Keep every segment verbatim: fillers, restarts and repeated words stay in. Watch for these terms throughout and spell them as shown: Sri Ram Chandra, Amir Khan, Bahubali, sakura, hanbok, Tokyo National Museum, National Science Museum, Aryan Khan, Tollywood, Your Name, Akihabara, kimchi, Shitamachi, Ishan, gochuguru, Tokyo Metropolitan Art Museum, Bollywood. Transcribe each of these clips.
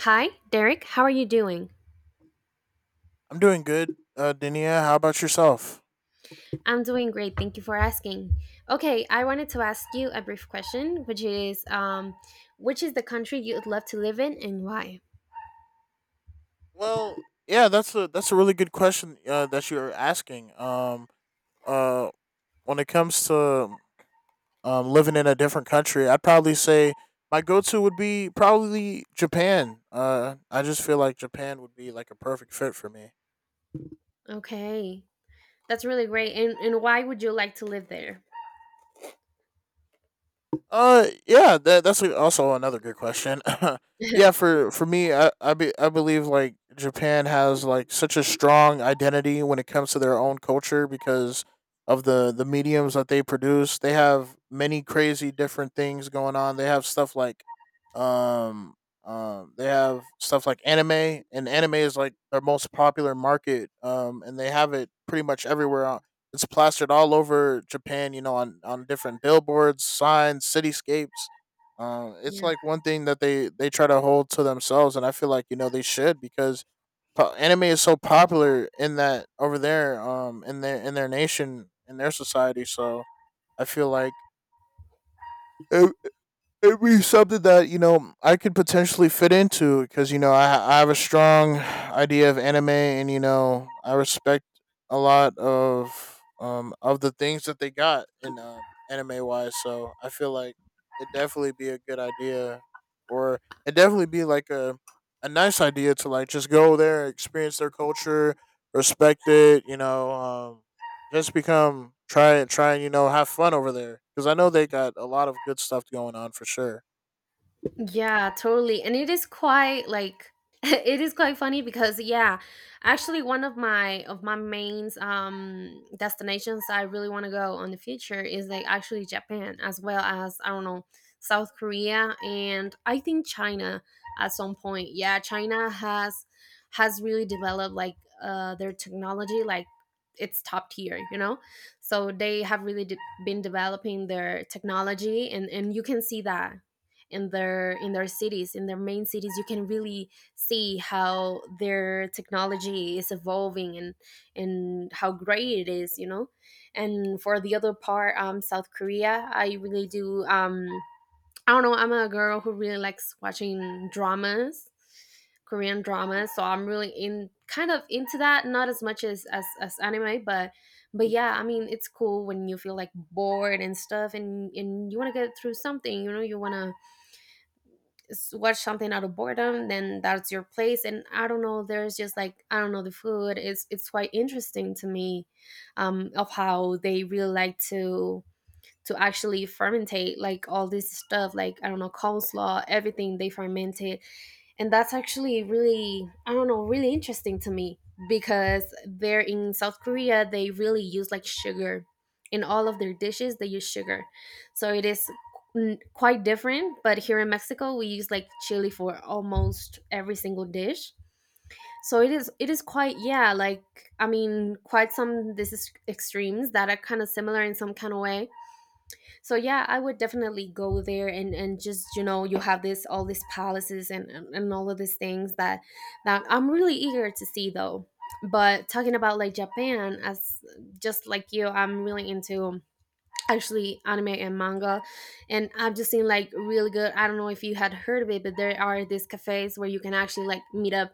Hi, Derek. How are you doing? I'm doing good, uh, Dania. How about yourself? I'm doing great. Thank you for asking. Okay, I wanted to ask you a brief question, which is um, which is the country you would love to live in and why? Well, yeah, that's a that's a really good question uh, that you're asking. Um, uh, when it comes to um, living in a different country, I'd probably say my go-to would be probably Japan. Uh, I just feel like Japan would be like a perfect fit for me. Okay, that's really great. And, and why would you like to live there? Uh, yeah, that that's a- also another good question. Yeah, for for me, I I, be, I believe like Japan has like such a strong identity when it comes to their own culture because of the the mediums that they produce. They have many crazy different things going on. They have stuff like um um they have stuff like anime, and anime is like their most popular market, um and they have it pretty much everywhere. It's plastered all over Japan, you know, on on different billboards, signs, cityscapes. Uh, it's yeah. like one thing that they they try to hold to themselves, and I feel like you know they should because po- anime is so popular in that over there, um, in their in their nation, in their society. So I feel like it it'd be something that you know I could potentially fit into because you know I I have a strong idea of anime and you know I respect a lot of um of the things that they got in, um, anime wise. So I feel like it'd definitely be a good idea, or it'd definitely be like a a nice idea to like just go there, experience their culture, respect it. You know, um, just become, try and try and you know, have fun over there because I know they got a lot of good stuff going on for sure. Yeah, totally. And it is quite like it is quite funny because yeah, actually one of my of my main um destinations I really want to go on the future is like actually Japan, as well as, I don't know, South Korea, and I think China at some point. Yeah, China has has really developed like uh their technology, like it's top tier, you know? So they have really de- been developing their technology, and and you can see that in their in their cities, in their main cities you can really see how their technology is evolving, and and how great it is you know And for the other part, um South Korea, I really do, um I don't know, I'm a girl who really likes watching dramas korean dramas, so I'm really in kind of into that, not as much as as, as anime, but but yeah, I mean it's cool when you feel like bored and stuff, and and you want to get through something, you know, you want to s- watch something out of boredom, then that's your place. And I don't know, there's just like, I don't know, the food is it's quite interesting to me, um of how they really like to to actually fermentate like all this stuff, like, I don't know, coleslaw, everything they ferment, and that's actually really, I don't know, really interesting to me. Because they're in South Korea, they really use like sugar in all of their dishes, they use sugar. So it is n- quite different, but here in Mexico we use like chili for almost every single dish. So it is it is quite, yeah, like, I mean quite some, this is extremes that are kind of similar in some kind of way. So yeah, I would definitely go there, and and just, you know, you have this all these palaces and and, and all of these things that that I'm really eager to see though. But talking about like Japan, as just like you, I'm really into actually anime and manga. And I've just seen like really good, I don't know if you had heard of it, but there are these cafes where you can actually like meet up,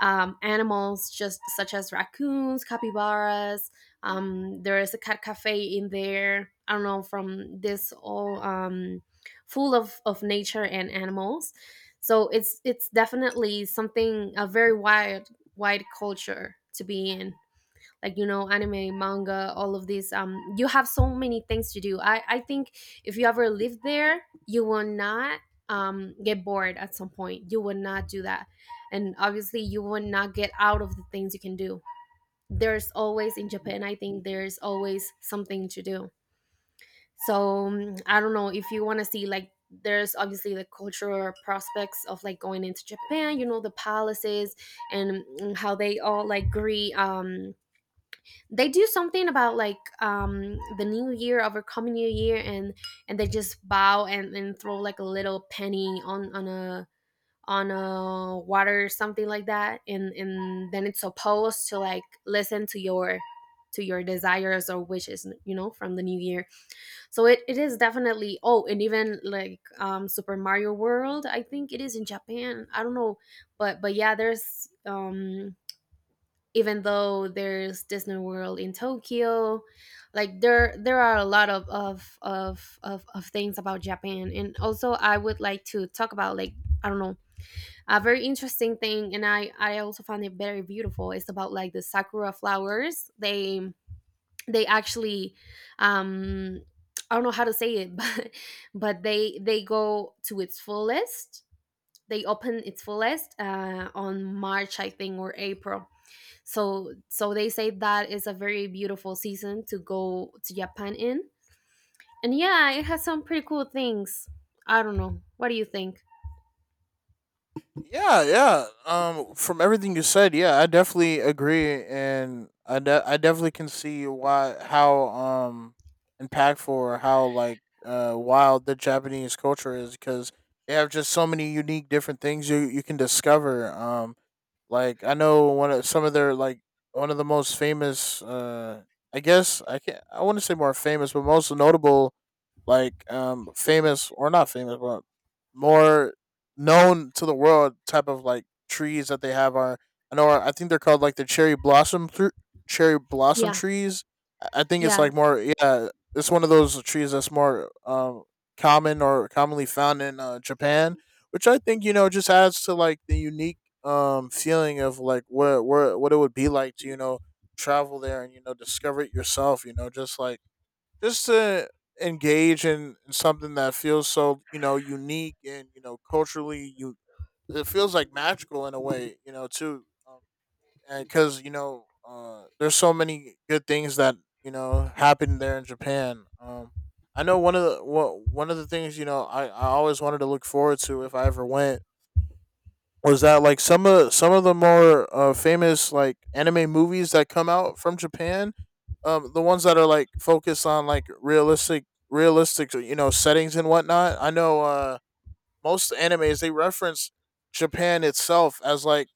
um, animals just such as raccoons, capybaras. Um, there is a cat cafe in there. I don't know, from this all, um, full of, of nature and animals. So it's it's definitely something, a very wide wide culture to be in, like, you know, anime, manga, all of these. Um you have so many things to do, i i think. If you ever live there, you will not, um get bored at some point, you will not do that. And obviously you will not get out of the things you can do. There's always in Japan, I think there's always something to do. So, um, I don't know, if you want to see, like, there's obviously the cultural prospects of like going into Japan, you know, the palaces, and mm, how they all like agree. Um they do something about, like, um the new year, overcoming new year, and and they just bow, and, and throw like a little penny on on a on a water or something like that, and and then it's supposed to like listen to your to your desires or wishes, you know, from the new year. So it, it is definitely, oh, and even like, um Super Mario World, I think it is in Japan, I don't know, but but yeah, there's, um even though there's Disney World in Tokyo, like, there there are a lot of of of of, of things about Japan. And also I would like to talk about, like, I don't know, a very interesting thing, and I I also found it very beautiful. It's about like the sakura flowers. They they actually, um I don't know how to say it, but but they they go to its fullest. They open its fullest uh, on March, I think, or April. So so they say that is a very beautiful season to go to Japan in. And yeah, it has some pretty cool things. I don't know, what do you think? Yeah, yeah. Um, from everything you said, yeah, I definitely agree, and I de- I definitely can see why, how um impactful or how like uh wild the Japanese culture is because they have just so many unique different things you you can discover. Um, like I know one of some of their like one of the most famous uh I guess I can not, I wouldn't say more famous, but most notable, like um famous or not famous but more known to the world type of like trees that they have are, I know I think they're called like the cherry blossom thr- cherry blossom Yeah. trees. I I think it's Yeah. like more, yeah, it's one of those trees that's more um common or commonly found in uh, Japan, which I think you know just adds to like the unique um feeling of like what what what it would be like to you know travel there and you know discover it yourself, you know, just like just to engage in something that feels so you know unique and you know culturally, you, it feels like magical in a way, you know, too, um, and because you know uh there's so many good things that you know happen there in Japan. um I know one of the wha- one of the things, you know, i i always wanted to look forward to if I ever went was that, like, some of some of the more uh, famous like anime movies that come out from Japan, um, the ones that are like focused on like realistic realistic, you know, settings and whatnot. I know uh, most animes they reference Japan itself as like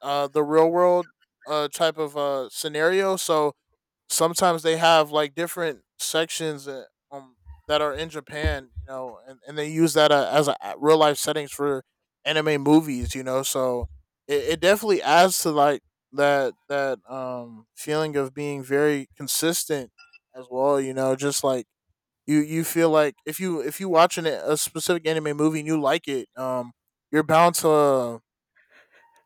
uh, the real world, uh, type of uh, scenario. So sometimes they have like different sections, uh, um that are in Japan, you know, and, and they use that uh, as a real life settings for anime movies, you know. So it, it definitely adds to like that that um feeling of being very consistent as well, you know, just like you you feel like if you if you watching a a specific anime movie and you like it, um, you're bound to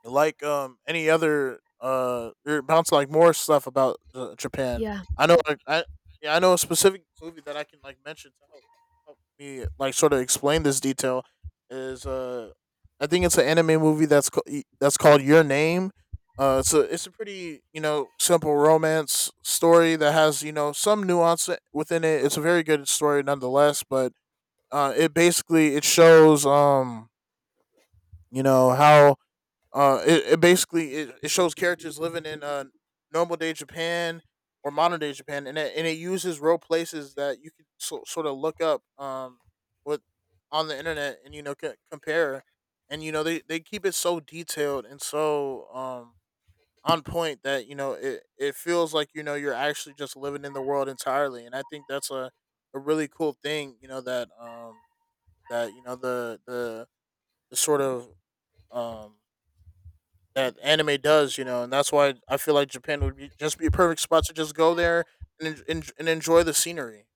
like um any other, uh you're bouncing like more stuff about, uh, Japan. Yeah. I know, like, I yeah, I know a specific movie that I can like mention to help help me like sort of explain this detail is uh I think it's an anime movie that's ca- e- that's called Your Name. Uh, it's a, it's a pretty, you know, simple romance story that has, you know, some nuance within it. It's a very good story nonetheless, but uh, it basically it shows um you know how, uh, it, it basically it, it shows characters living in, uh, normal day Japan or modern day Japan, and it, and it uses real places that you can, so, sort of look up um with on the internet and you know c- compare, and you know they they keep it so detailed and so um on point that you know it, it feels like you know you're actually just living in the world entirely, and I think that's a a really cool thing, you know, that um that you know the the the sort of um that anime does, you know, and that's why I feel like Japan would be just be a perfect spot to just go there and en- en- and enjoy the scenery.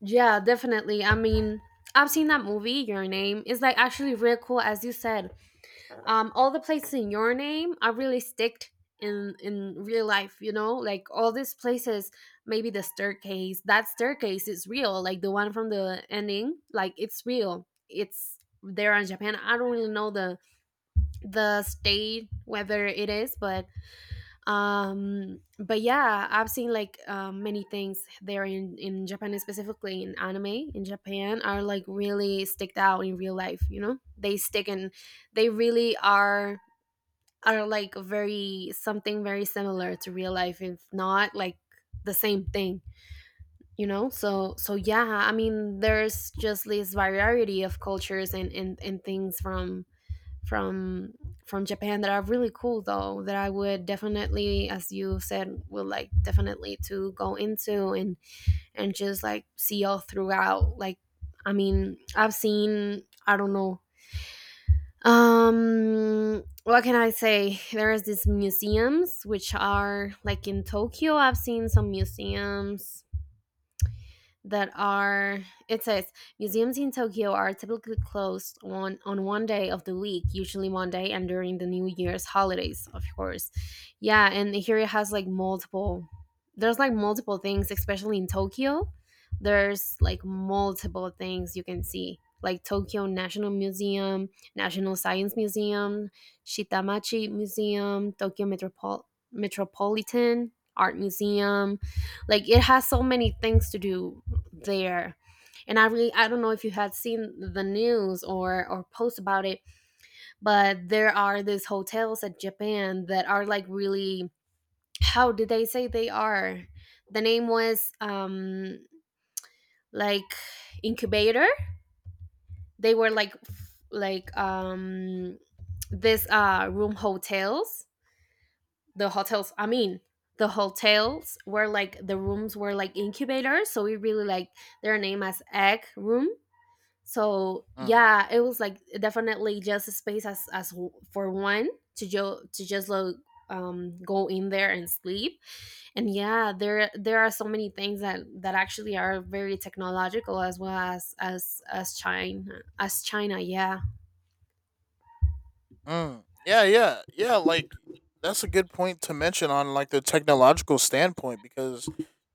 Yeah, definitely. I mean, I've seen that movie, Your Name, is like actually real cool, as you said. Um all the places in Your Name are really sticked in in real life, you know, like all these places. Maybe the staircase, that staircase is real, like the one from the ending, like it's real, it's there in Japan. I don't really know the the state whether it is, but, um but yeah, I've seen like, um, many things there in in Japan. Specifically in anime, in Japan, are like really sticked out in real life, you know, they stick, and they really are are like very, something very similar to real life, if not like the same thing, you know. So so yeah, I mean, there's just this variety of cultures, and and, and things from from from Japan that are really cool though, that I would definitely, as you said, would like definitely to go into, and and just like see all throughout. Like, I mean, I've seen, I don't know, um what can I say, there is these museums which are like in Tokyo, I've seen some museums that are, it says, museums in Tokyo are typically closed on on one day of the week, usually Monday, and during the New Year's holidays, of course. Yeah, and here it has like multiple, there's like multiple things, especially in Tokyo. There's like multiple things you can see. Like Tokyo National Museum, National Science Museum, Shitamachi Museum, Tokyo Metropol- Metropolitan Art Museum. Like, it has so many things to do there. And I really, I don't know if you had seen the news or or post about it, but there are these hotels at Japan that are like really, how did they say they are, the name was, um like incubator, they were like, f- like, um this, uh room hotels, the hotels, I mean, the hotels were like the rooms were like incubators, so we really like, their name as egg room. So Mm. yeah, it was like definitely just a space, as as w- for one to jo- to just like, um go in there and sleep. And yeah, there there are so many things that that actually are very technological, as well as as as china as china, yeah. Mm. Yeah, yeah, yeah. Like that's a good point to mention on like the technological standpoint because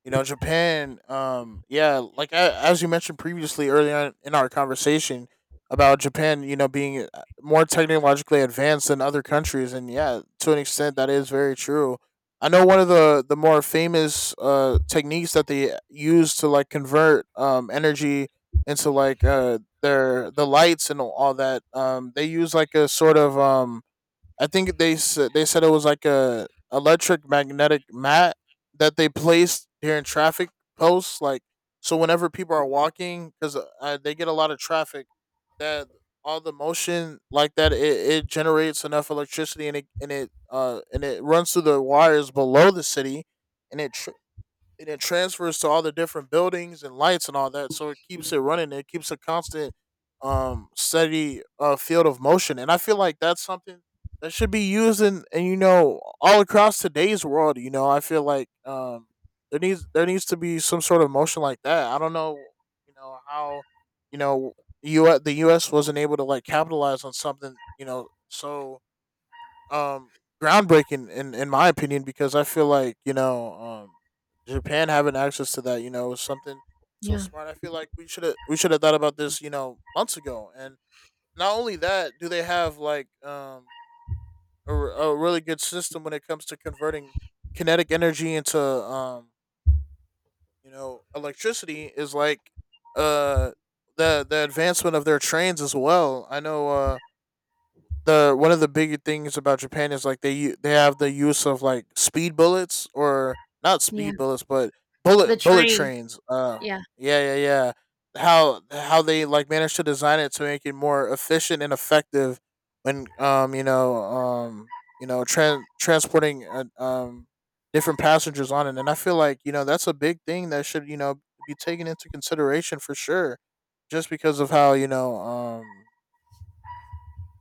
you know Japan. Um, yeah, like a, as you mentioned previously earlier on in our conversation about Japan, you know, being, uh, more technologically advanced than other countries, and yeah, to an extent that is very true. I know one of the the more famous uh techniques that they use to like convert um energy into like uh their, the lights and all that. Um, they use like a sort of, um, I think they s- they said it was like a electric magnetic mat that they placed here in traffic posts. Like so, whenever people are walking, because, uh, they get a lot of traffic, that all the motion like that, it, it generates enough electricity and it and it uh and it runs through the wires below the city and it, and it transfers to all the different buildings and lights and all that. So it keeps it running. It keeps a constant, um, steady, uh, field of motion. And I feel like that's something that should be used in, and you know, all across today's world. You know, I feel like, um, there needs there needs to be some sort of motion like that. I don't know, you know, how you know U the U S wasn't able to like capitalize on something, you know, so um groundbreaking in in my opinion because I feel like you know um Japan having access to that, you know, is something so Yeah. smart. I feel like we should have we should have thought about this, you know, months ago. And not only that, do they have like um a, r- a really good system when it comes to converting kinetic energy into um you know electricity, is like uh the the advancement of their trains as well. I know uh the, one of the big things about Japan is like they u- they have the use of like speed bullets, or not Yeah. speed bullets but bullet The bullet train. trains. Uh, yeah. Yeah, yeah, yeah. How how they like managed to design it to make it more efficient and effective when um you know um you know tran transporting, uh, um different passengers on it, and I feel like you know that's a big thing that should, you know, be taken into consideration for sure, just because of how, you know, um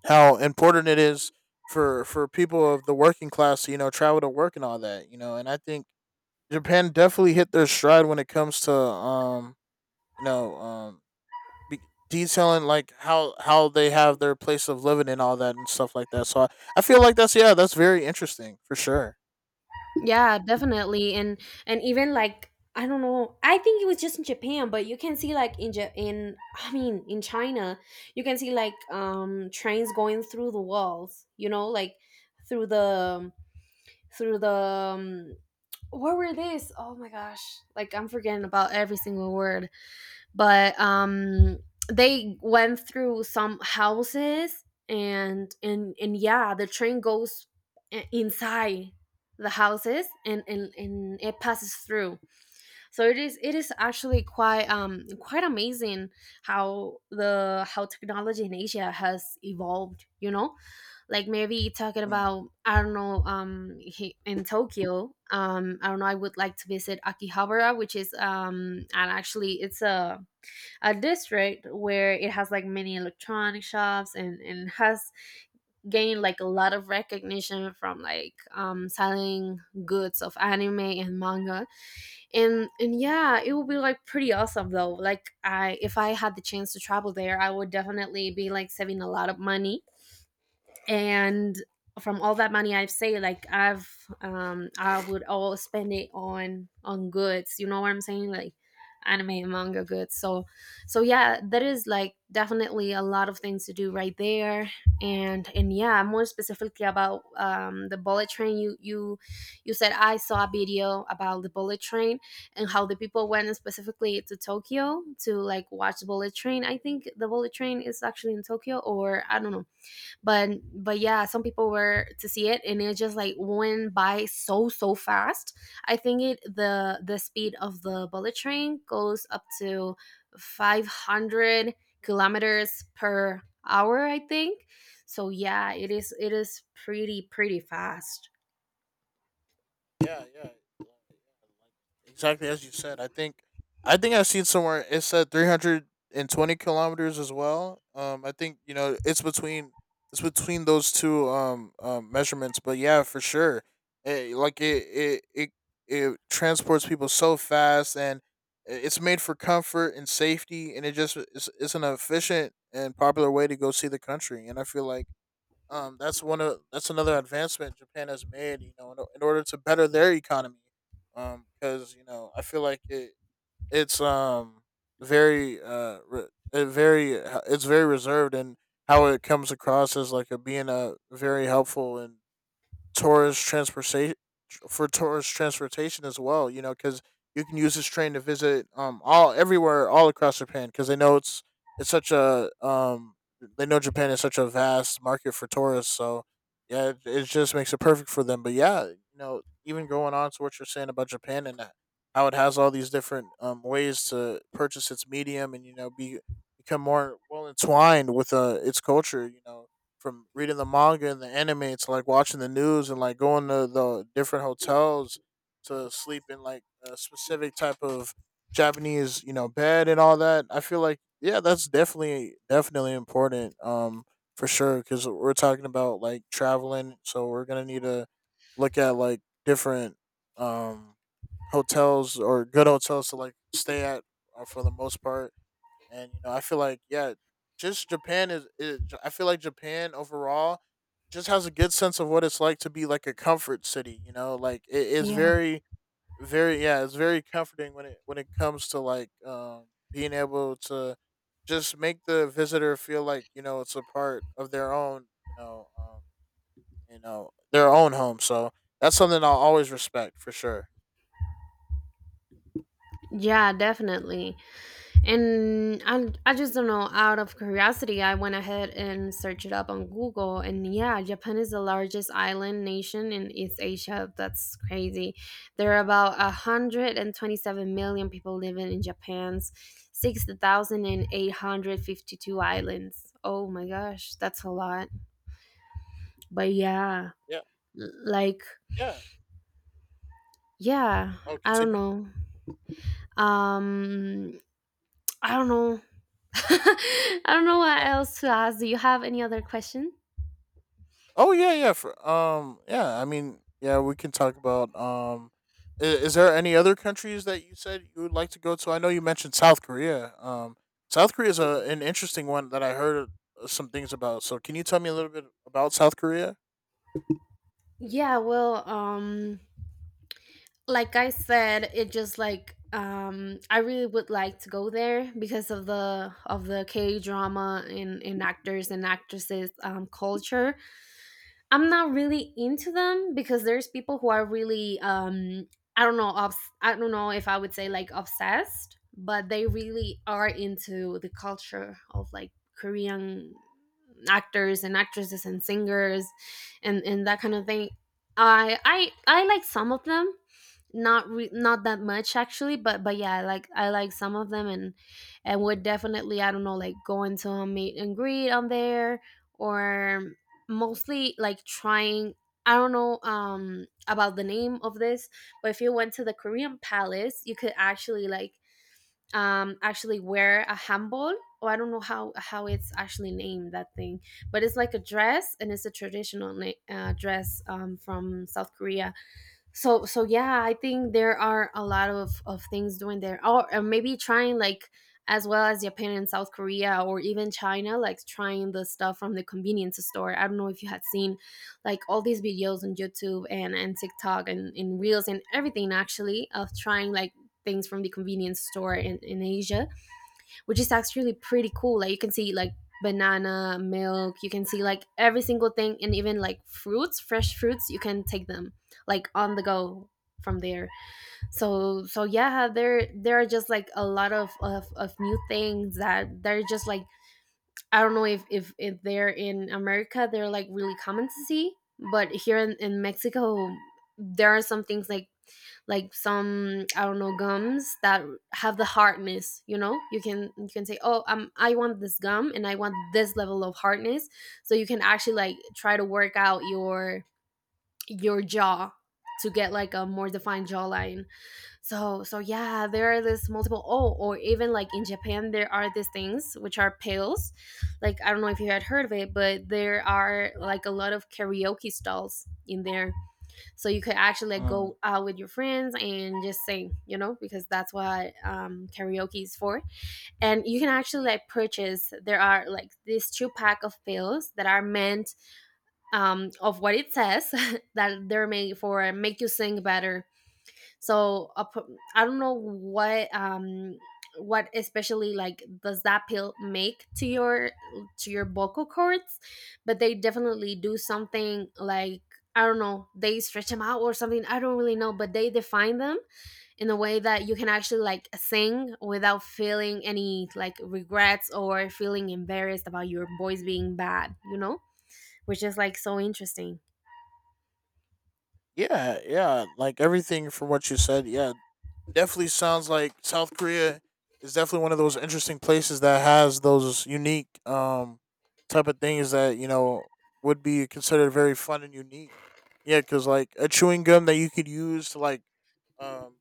how important it is for for people of the working class to, you know, travel to work and all that, you know. And I think Japan definitely hit their stride when it comes to, um you know, um be- detailing like how how they have their place of living and all that and stuff like that, so i, I feel like that's, yeah, that's very interesting for sure. Yeah, definitely. And and even like, I don't know, I think it was just in Japan, but you can see like, in ja- in I mean, in China, you can see like, um trains going through the walls, you know, like, through the through the um, what were this? Oh my gosh. Like, I'm forgetting about every single word, but, um they went through some houses, and and and yeah, the train goes, i- inside the houses, and, and and it passes through. So it is it is actually quite, um quite amazing how the how technology in Asia has evolved, you know. Like, maybe talking Hmm. about, I don't know, um he- in Tokyo, um I don't know, I would like to visit Akihabara, which is, um and actually, it's a a district where it has like many electronic shops, and, and has gained like a lot of recognition from like, um, selling goods of anime and manga. And and yeah, it would be like pretty awesome though. Like, I if I had the chance to travel there, I would definitely be like saving a lot of money, and from all that money I've saved, like, I've um I would all spend it on on goods. You know what I'm saying? Like, anime and manga goods. So, so yeah, that is like definitely a lot of things to do right there. And and yeah, more specifically about, um the bullet train. You you you said, I saw a video about the bullet train and how the people went specifically to Tokyo to like watch the bullet train. I think the bullet train is actually in Tokyo, or I don't know, but but yeah, some people were to see it, and it just like went by so so fast. I think it the the speed of the bullet train goes up to five hundred kilometers per hour, I think. So yeah, it is it is pretty pretty fast. Yeah, yeah, yeah, yeah, like exactly as you said. I think, I think I've seen somewhere it said three hundred and twenty kilometers as well. Um, I think you know it's between, it's between those two um, um measurements, but yeah, for sure, eh, like it it it it transports people so fast, and i- it's made for comfort and safety, and it just, it's, it's an efficient and popular way to go see the country, and I feel like, um, that's one of, that's another advancement Japan has made. You know, in, in order to better their economy, um, because you know I feel like it it's um very uh re, it very, uh, it's very reserved and how it comes across as like a being a very helpful and Torres transportation for Torres transportation as well. You know, because you can use this train to visit um all everywhere all across Japan because they know it's it's such a um they know Japan is such a vast market for tourists. So yeah, it, it just makes it perfect for them. But yeah, you know, even going on to what you're saying about Japan and that- how it has all these different um ways to purchase its medium and you know be become more well entwined with uh its culture. You know, from reading the manga and the anime to like watching the news and like going to the different hotels to sleep in like a specific type of Japanese, you know, bed and all that. I feel like yeah, that's definitely definitely important um for sure, cuz we're talking about like traveling, so we're going to need to look at like different um hotels or good hotels to like stay at, uh, for the most part. And you know, I feel like yeah, just Japan is. Is I feel like Japan overall just has a good sense of what it's like to be like a comfort city. You know, like it is Yeah. very, very, yeah, it's very comforting when it when it comes to like um being able to just make the visitor feel like you know it's a part of their own. You know, um, you know their own home. So that's something I'll always respect for sure. Yeah, definitely. And I, I just don't know. Out of curiosity, I went ahead and searched it up on Google. And yeah, Japan is the largest island nation in East Asia. That's crazy. There are about one hundred twenty-seven million people living in Japan's six thousand eight hundred fifty-two islands. Oh my gosh, that's a lot. But yeah, Yeah. l- like, Yeah. yeah, Oh, I don't continue. know. Um, I don't know. I don't know what No. else to ask. Do you have any other question? Oh yeah, yeah. For, um, yeah. I mean, yeah. We can talk about. Um, i- is there any other countries that you said you would like to go to? I know you mentioned South Korea. Um, South Korea is a, an interesting one that I heard uh, some things about. So, can you tell me a little bit about South Korea? Yeah, well, um like I said, it just like um I really would like to go there because of the of the K drama, and, and actors and actresses, um culture. I'm not really into them because there's people who are really um I don't know, obs- I don't know if I would say like obsessed, but they really are into the culture of like Korean actors and actresses and singers and and that kind of thing. I I I like some of them, not re- not that much actually, but but yeah, I like I like some of them, and and would definitely, I don't know, like going to a meet and greet on there, or mostly like trying, I don't know, um about the name of this, but if you went to the Korean palace you could actually like, um actually wear a hanbok, or I don't know how how it's actually named, that thing, but it's like a dress and it's a traditional na- uh, dress, um, from South Korea. So so yeah, I think there are a lot of of things doing there, or, or maybe trying, like, as well as Japan and South Korea or even China, like trying the stuff from the convenience store. I don't know if you had seen like all these videos on YouTube and and TikTok and in Reels and everything, actually, of trying like things from the convenience store in, in Asia, which is actually pretty cool. Like you can see like banana milk, you can see like every single thing, and even like fruits, fresh fruits, you can take them like on the go from there. So so yeah, there there are just like a lot of of, of new things that they're just like, I don't know if, if if they're in America they're like really common to see, but here in, in Mexico there are some things like like some, I don't know, gums that have the hardness, you know, you can you can say, oh, um, I want this gum and I want this level of hardness, so you can actually like try to work out your your jaw to get like a more defined jawline. So so yeah, there are this multiple, oh, or even like in Japan there are these things which are pills, like I don't know if you had heard of it, but there are like a lot of karaoke stalls in there, so you could actually like Mm. go out with your friends and just sing, you know, because that's what, um, karaoke is for. And you can actually like purchase, there are like these two pack of pills that are meant, um, of what it says, that they're made for make you sing better. So a pro- I don't know what um what especially like does that pill make to your to your vocal cords, but they definitely do something like, I don't know, they stretch them out or something, I don't really know, but they define them in a way that you can actually like sing without feeling any like regrets or feeling embarrassed about your voice being bad, you know, which is like so interesting. Yeah, yeah. Like everything from what you said, yeah, definitely sounds like South Korea is definitely one of those interesting places that has those unique um type of things that you know would be considered very fun and unique. Yeah, because like a chewing gum that you could use to like um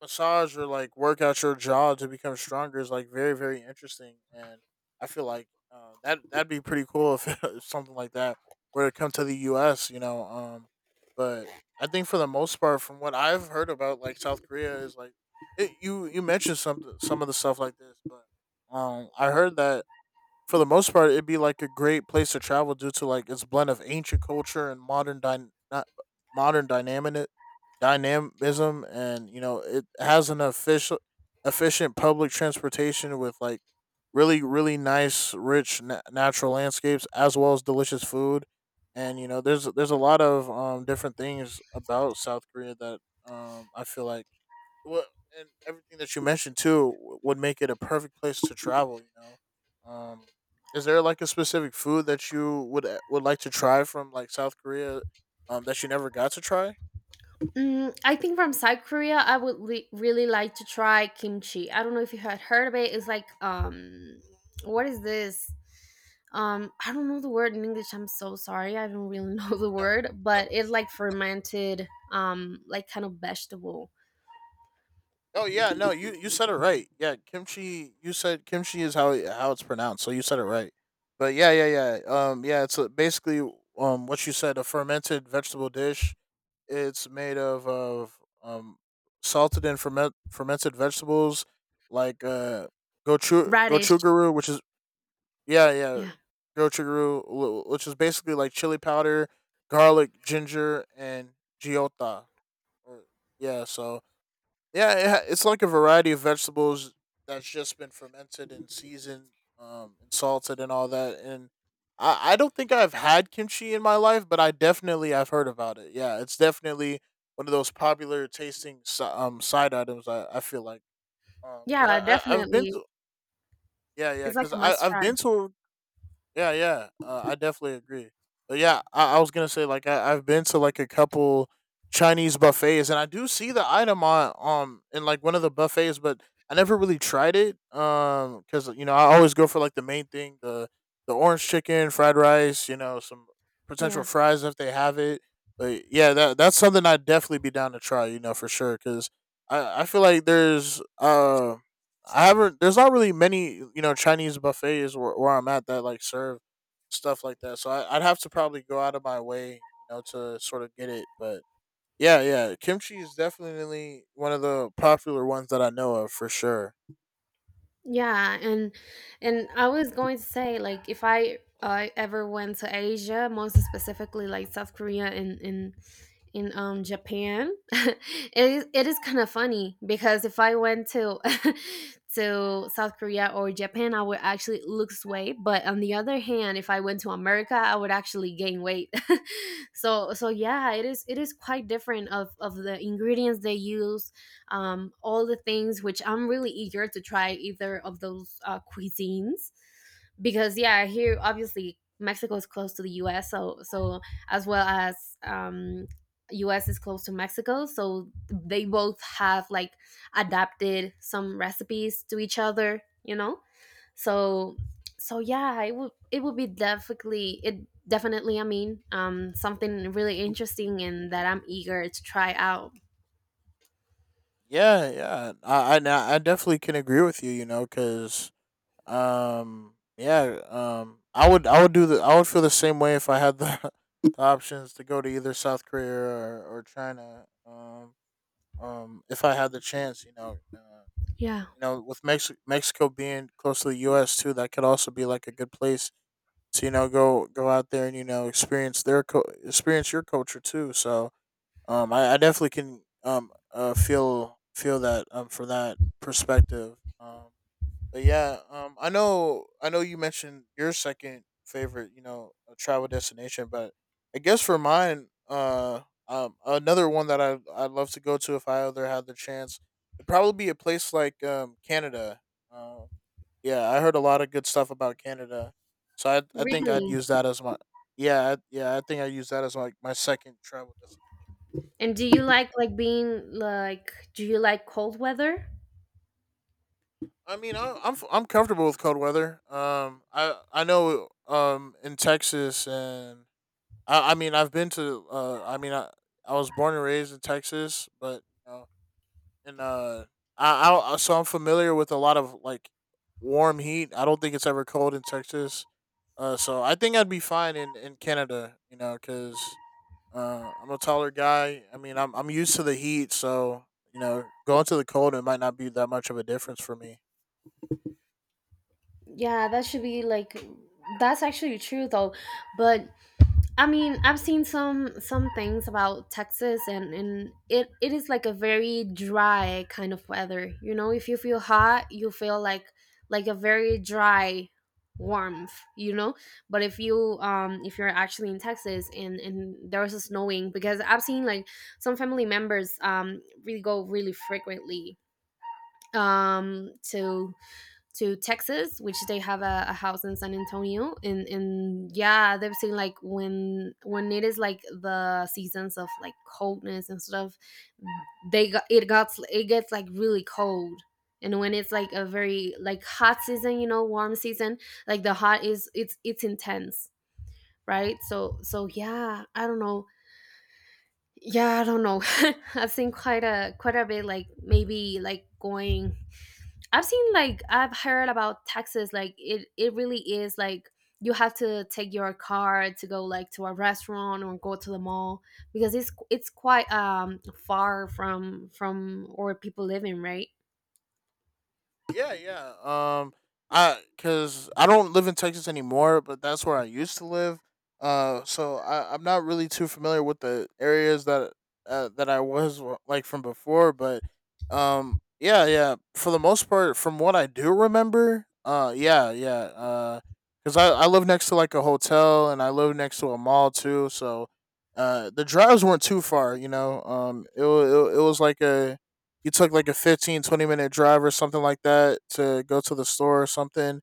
massage or like work out your jaw to become stronger is like very very interesting. And I feel like, uh, that that'd be pretty cool if, if something like that were to come to the US, you know. Um but I think for the most part, from what I've heard about like South Korea, is like it, you you mentioned some some of the stuff like this, but um I heard that, for the most part, it'd be like a great place to travel due to like its blend of ancient culture and modern dyn- not modern dynamic dynamism, and you know it has an official efficient public transportation with like really really nice rich na- natural landscapes as well as delicious food. And you know there's there's a lot of um different things about South Korea that, um I feel like, well, and everything that you mentioned too w- would make it a perfect place to travel. You know, um, is there like a specific food that you would eh, would like to try from like South Korea, um, that you never got to try? Mm, I think from South Korea, I would li- really like to try kimchi. I don't know if you had heard of it. It's like, um, what is this? Um, I don't know the word in English. I'm so sorry. I don't really know the No, word, no. but it's like fermented, um, like kind of vegetable. Oh yeah, no. You you said it right. Yeah, kimchi. You said kimchi is how it- how it's pronounced. So you said it right. But yeah, yeah, yeah. Um, yeah. It's, uh, basically um what you said, a fermented vegetable dish. It's made of of um salted and ferment fermented vegetables, like uh gochu Radish. gochuguru, which is. Yeah, yeah. Yeah, Gochuguru, wh- which is basically like chili powder, garlic, ginger, and giota. Or, yeah, so yeah, it, ha- it's like a variety of vegetables that's just been fermented and seasoned, um, and salted and all that. And I, I don't think I've had kimchi in my life, but I definitely I've heard about it. Yeah, it's definitely one of those popular tasting si- um side items. I, I feel like, um, because yeah, I, I I've been definitely. to, yeah, yeah, It's like because a I must I've try. been to, yeah, yeah, uh, I definitely agree. But yeah, I, I was gonna say like I, I've been to like a couple Chinese buffets, and I do see the item on um in like one of the buffets, but I never really tried it. Um, because you know I always go for like the main thing, the the orange chicken, fried rice, you know, some potential Yeah. fries if they have it. But yeah, that that's something I'd definitely be down to try. You know, for sure, because I I feel like there's um I haven't. There's not really many, you know, Chinese buffets where, where I'm at that like serve stuff like that. So I, I'd have to probably go out of my way, you know, to sort of get it. But yeah, yeah, kimchi is definitely one of the popular ones that I know of for sure. Yeah, and and I was going to say, like, if I, uh, ever went to Asia, most specifically like South Korea and in in um Japan, it is it is kind of funny, because if I went to to South Korea or Japan, I would actually lose weight, but on the other hand, if I went to America, I would actually gain weight. So so yeah, it is it is quite different of of the ingredients they use, um, all the things, which I'm really eager to try either of those, uh, cuisines. Because yeah, here obviously Mexico is close to the US, so so as well as, um, US is close to Mexico, so they both have like adapted some recipes to each other, you know. So so yeah, it would it would be definitely, it definitely, I mean, um something really interesting, and that I'm eager to try out. Yeah, yeah, I, I, na- I definitely can agree with you. You know, because um, yeah, um, I would, I would do the, I would feel the same way if I had the, the options to go to either South Korea or, or China. Um, um, if I had the chance, you know, uh, and, Yeah. you know, with Mex- Mexico being close to the U S too, that could also be like a good place to you know go go out there and you know experience their co- experience your culture too. So um, I, I definitely can um uh, feel feel that, um for that perspective. Um, but yeah, um, I know, I know you mentioned your second favorite, you know, uh, travel destination, but I guess for mine, uh, um, another one that I I'd love to go to if I ever had the chance, it would probably be a place like um Canada. Um, yeah, I heard a lot of good stuff about Canada, so I I think I'd Really? use that as my, yeah, I, yeah, I think I use that as like my second travel destination. And do you like like being like do you like cold weather? I mean, I, I'm f- I'm comfortable with cold weather. Um, I I know um in Texas, and I, I mean, I've been to. Uh, I mean, I I was born and raised in Texas, but you know, and uh, I, I I- so I'm familiar with a lot of like warm heat. I don't think it's ever cold in Texas. Uh, so I think I'd be fine in in Canada. You know, because uh, I'm a taller guy. I mean, I'm I'm used to the heat, so you know, going to the cold, it might not be that much of a difference for me. Yeah, that should be like, that's actually true though. But I mean, I've seen some some things about Texas, and and it it is like a very dry kind of weather. You know, if you feel hot, you feel like like a very dry warmth, you know? But if you, um if you're actually in Texas and and there's a snowing, because I've seen like some family members, um really go really frequently, um to to Texas, which they have a, a house in San Antonio, and and yeah, they've seen like when when it is like the seasons of like coldness and stuff, they got it got it gets like really cold. And when it's like a very like hot season, you know, warm season, like the hot is, it's it's intense, right? So so yeah, I don't know, yeah, I don't know. I've seen quite a quite a bit, like maybe like going, I've seen like, I've heard about Texas, like it it really is like, you have to take your car to go like to a restaurant or go to the mall, because it's it's quite, um far from from where people live in, right? Yeah, yeah. Um, I because I don't live in Texas anymore, but that's where I used to live. Uh, so I I'm not really too familiar with the areas that uh, that I was wa- like from before, but um, yeah, yeah, for the most part, from what I do remember, uh, yeah, yeah. Uh, because I I live next to like a hotel and I live next to a mall too. So, Uh, the drives weren't too far, you know. Um, it, wa- it wa- it was like a you took like a fifteen twenty minute drive or something like that, to go to the store or something,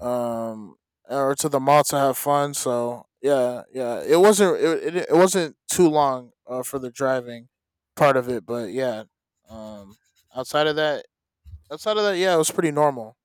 um or to the mall to have fun. So yeah, yeah, it wasn't it, it, it wasn't too long, uh, for the driving part of it. But yeah, um outside of that outside of that, yeah, it was pretty normal.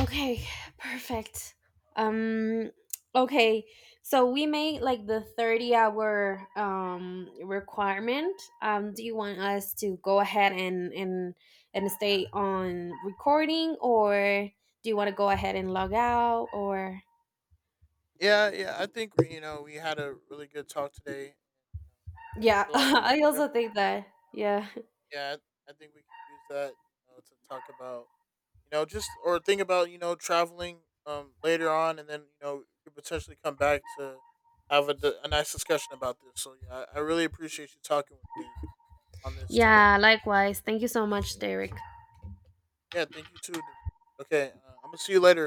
Okay, perfect. Um okay. So we made like the thirty hour um requirement. Um do you want us to go ahead and and and stay on recording, or do you want to go ahead and log out, or? Yeah, yeah, I think you know we had a really good talk today. I Yeah, feel like I we could also definitely, think that. Yeah. yeah, i I think we could use that, you know, to talk about, you know, just or think about you know traveling, um later on, and then you know you could potentially come back to have a, d- a nice discussion about this. So yeah, I, I really appreciate you talking with me on this today. Yeah, likewise. Thank you so much, Derek. Yeah, thank you too, Denise. Okay, uh, I'm gonna see you later.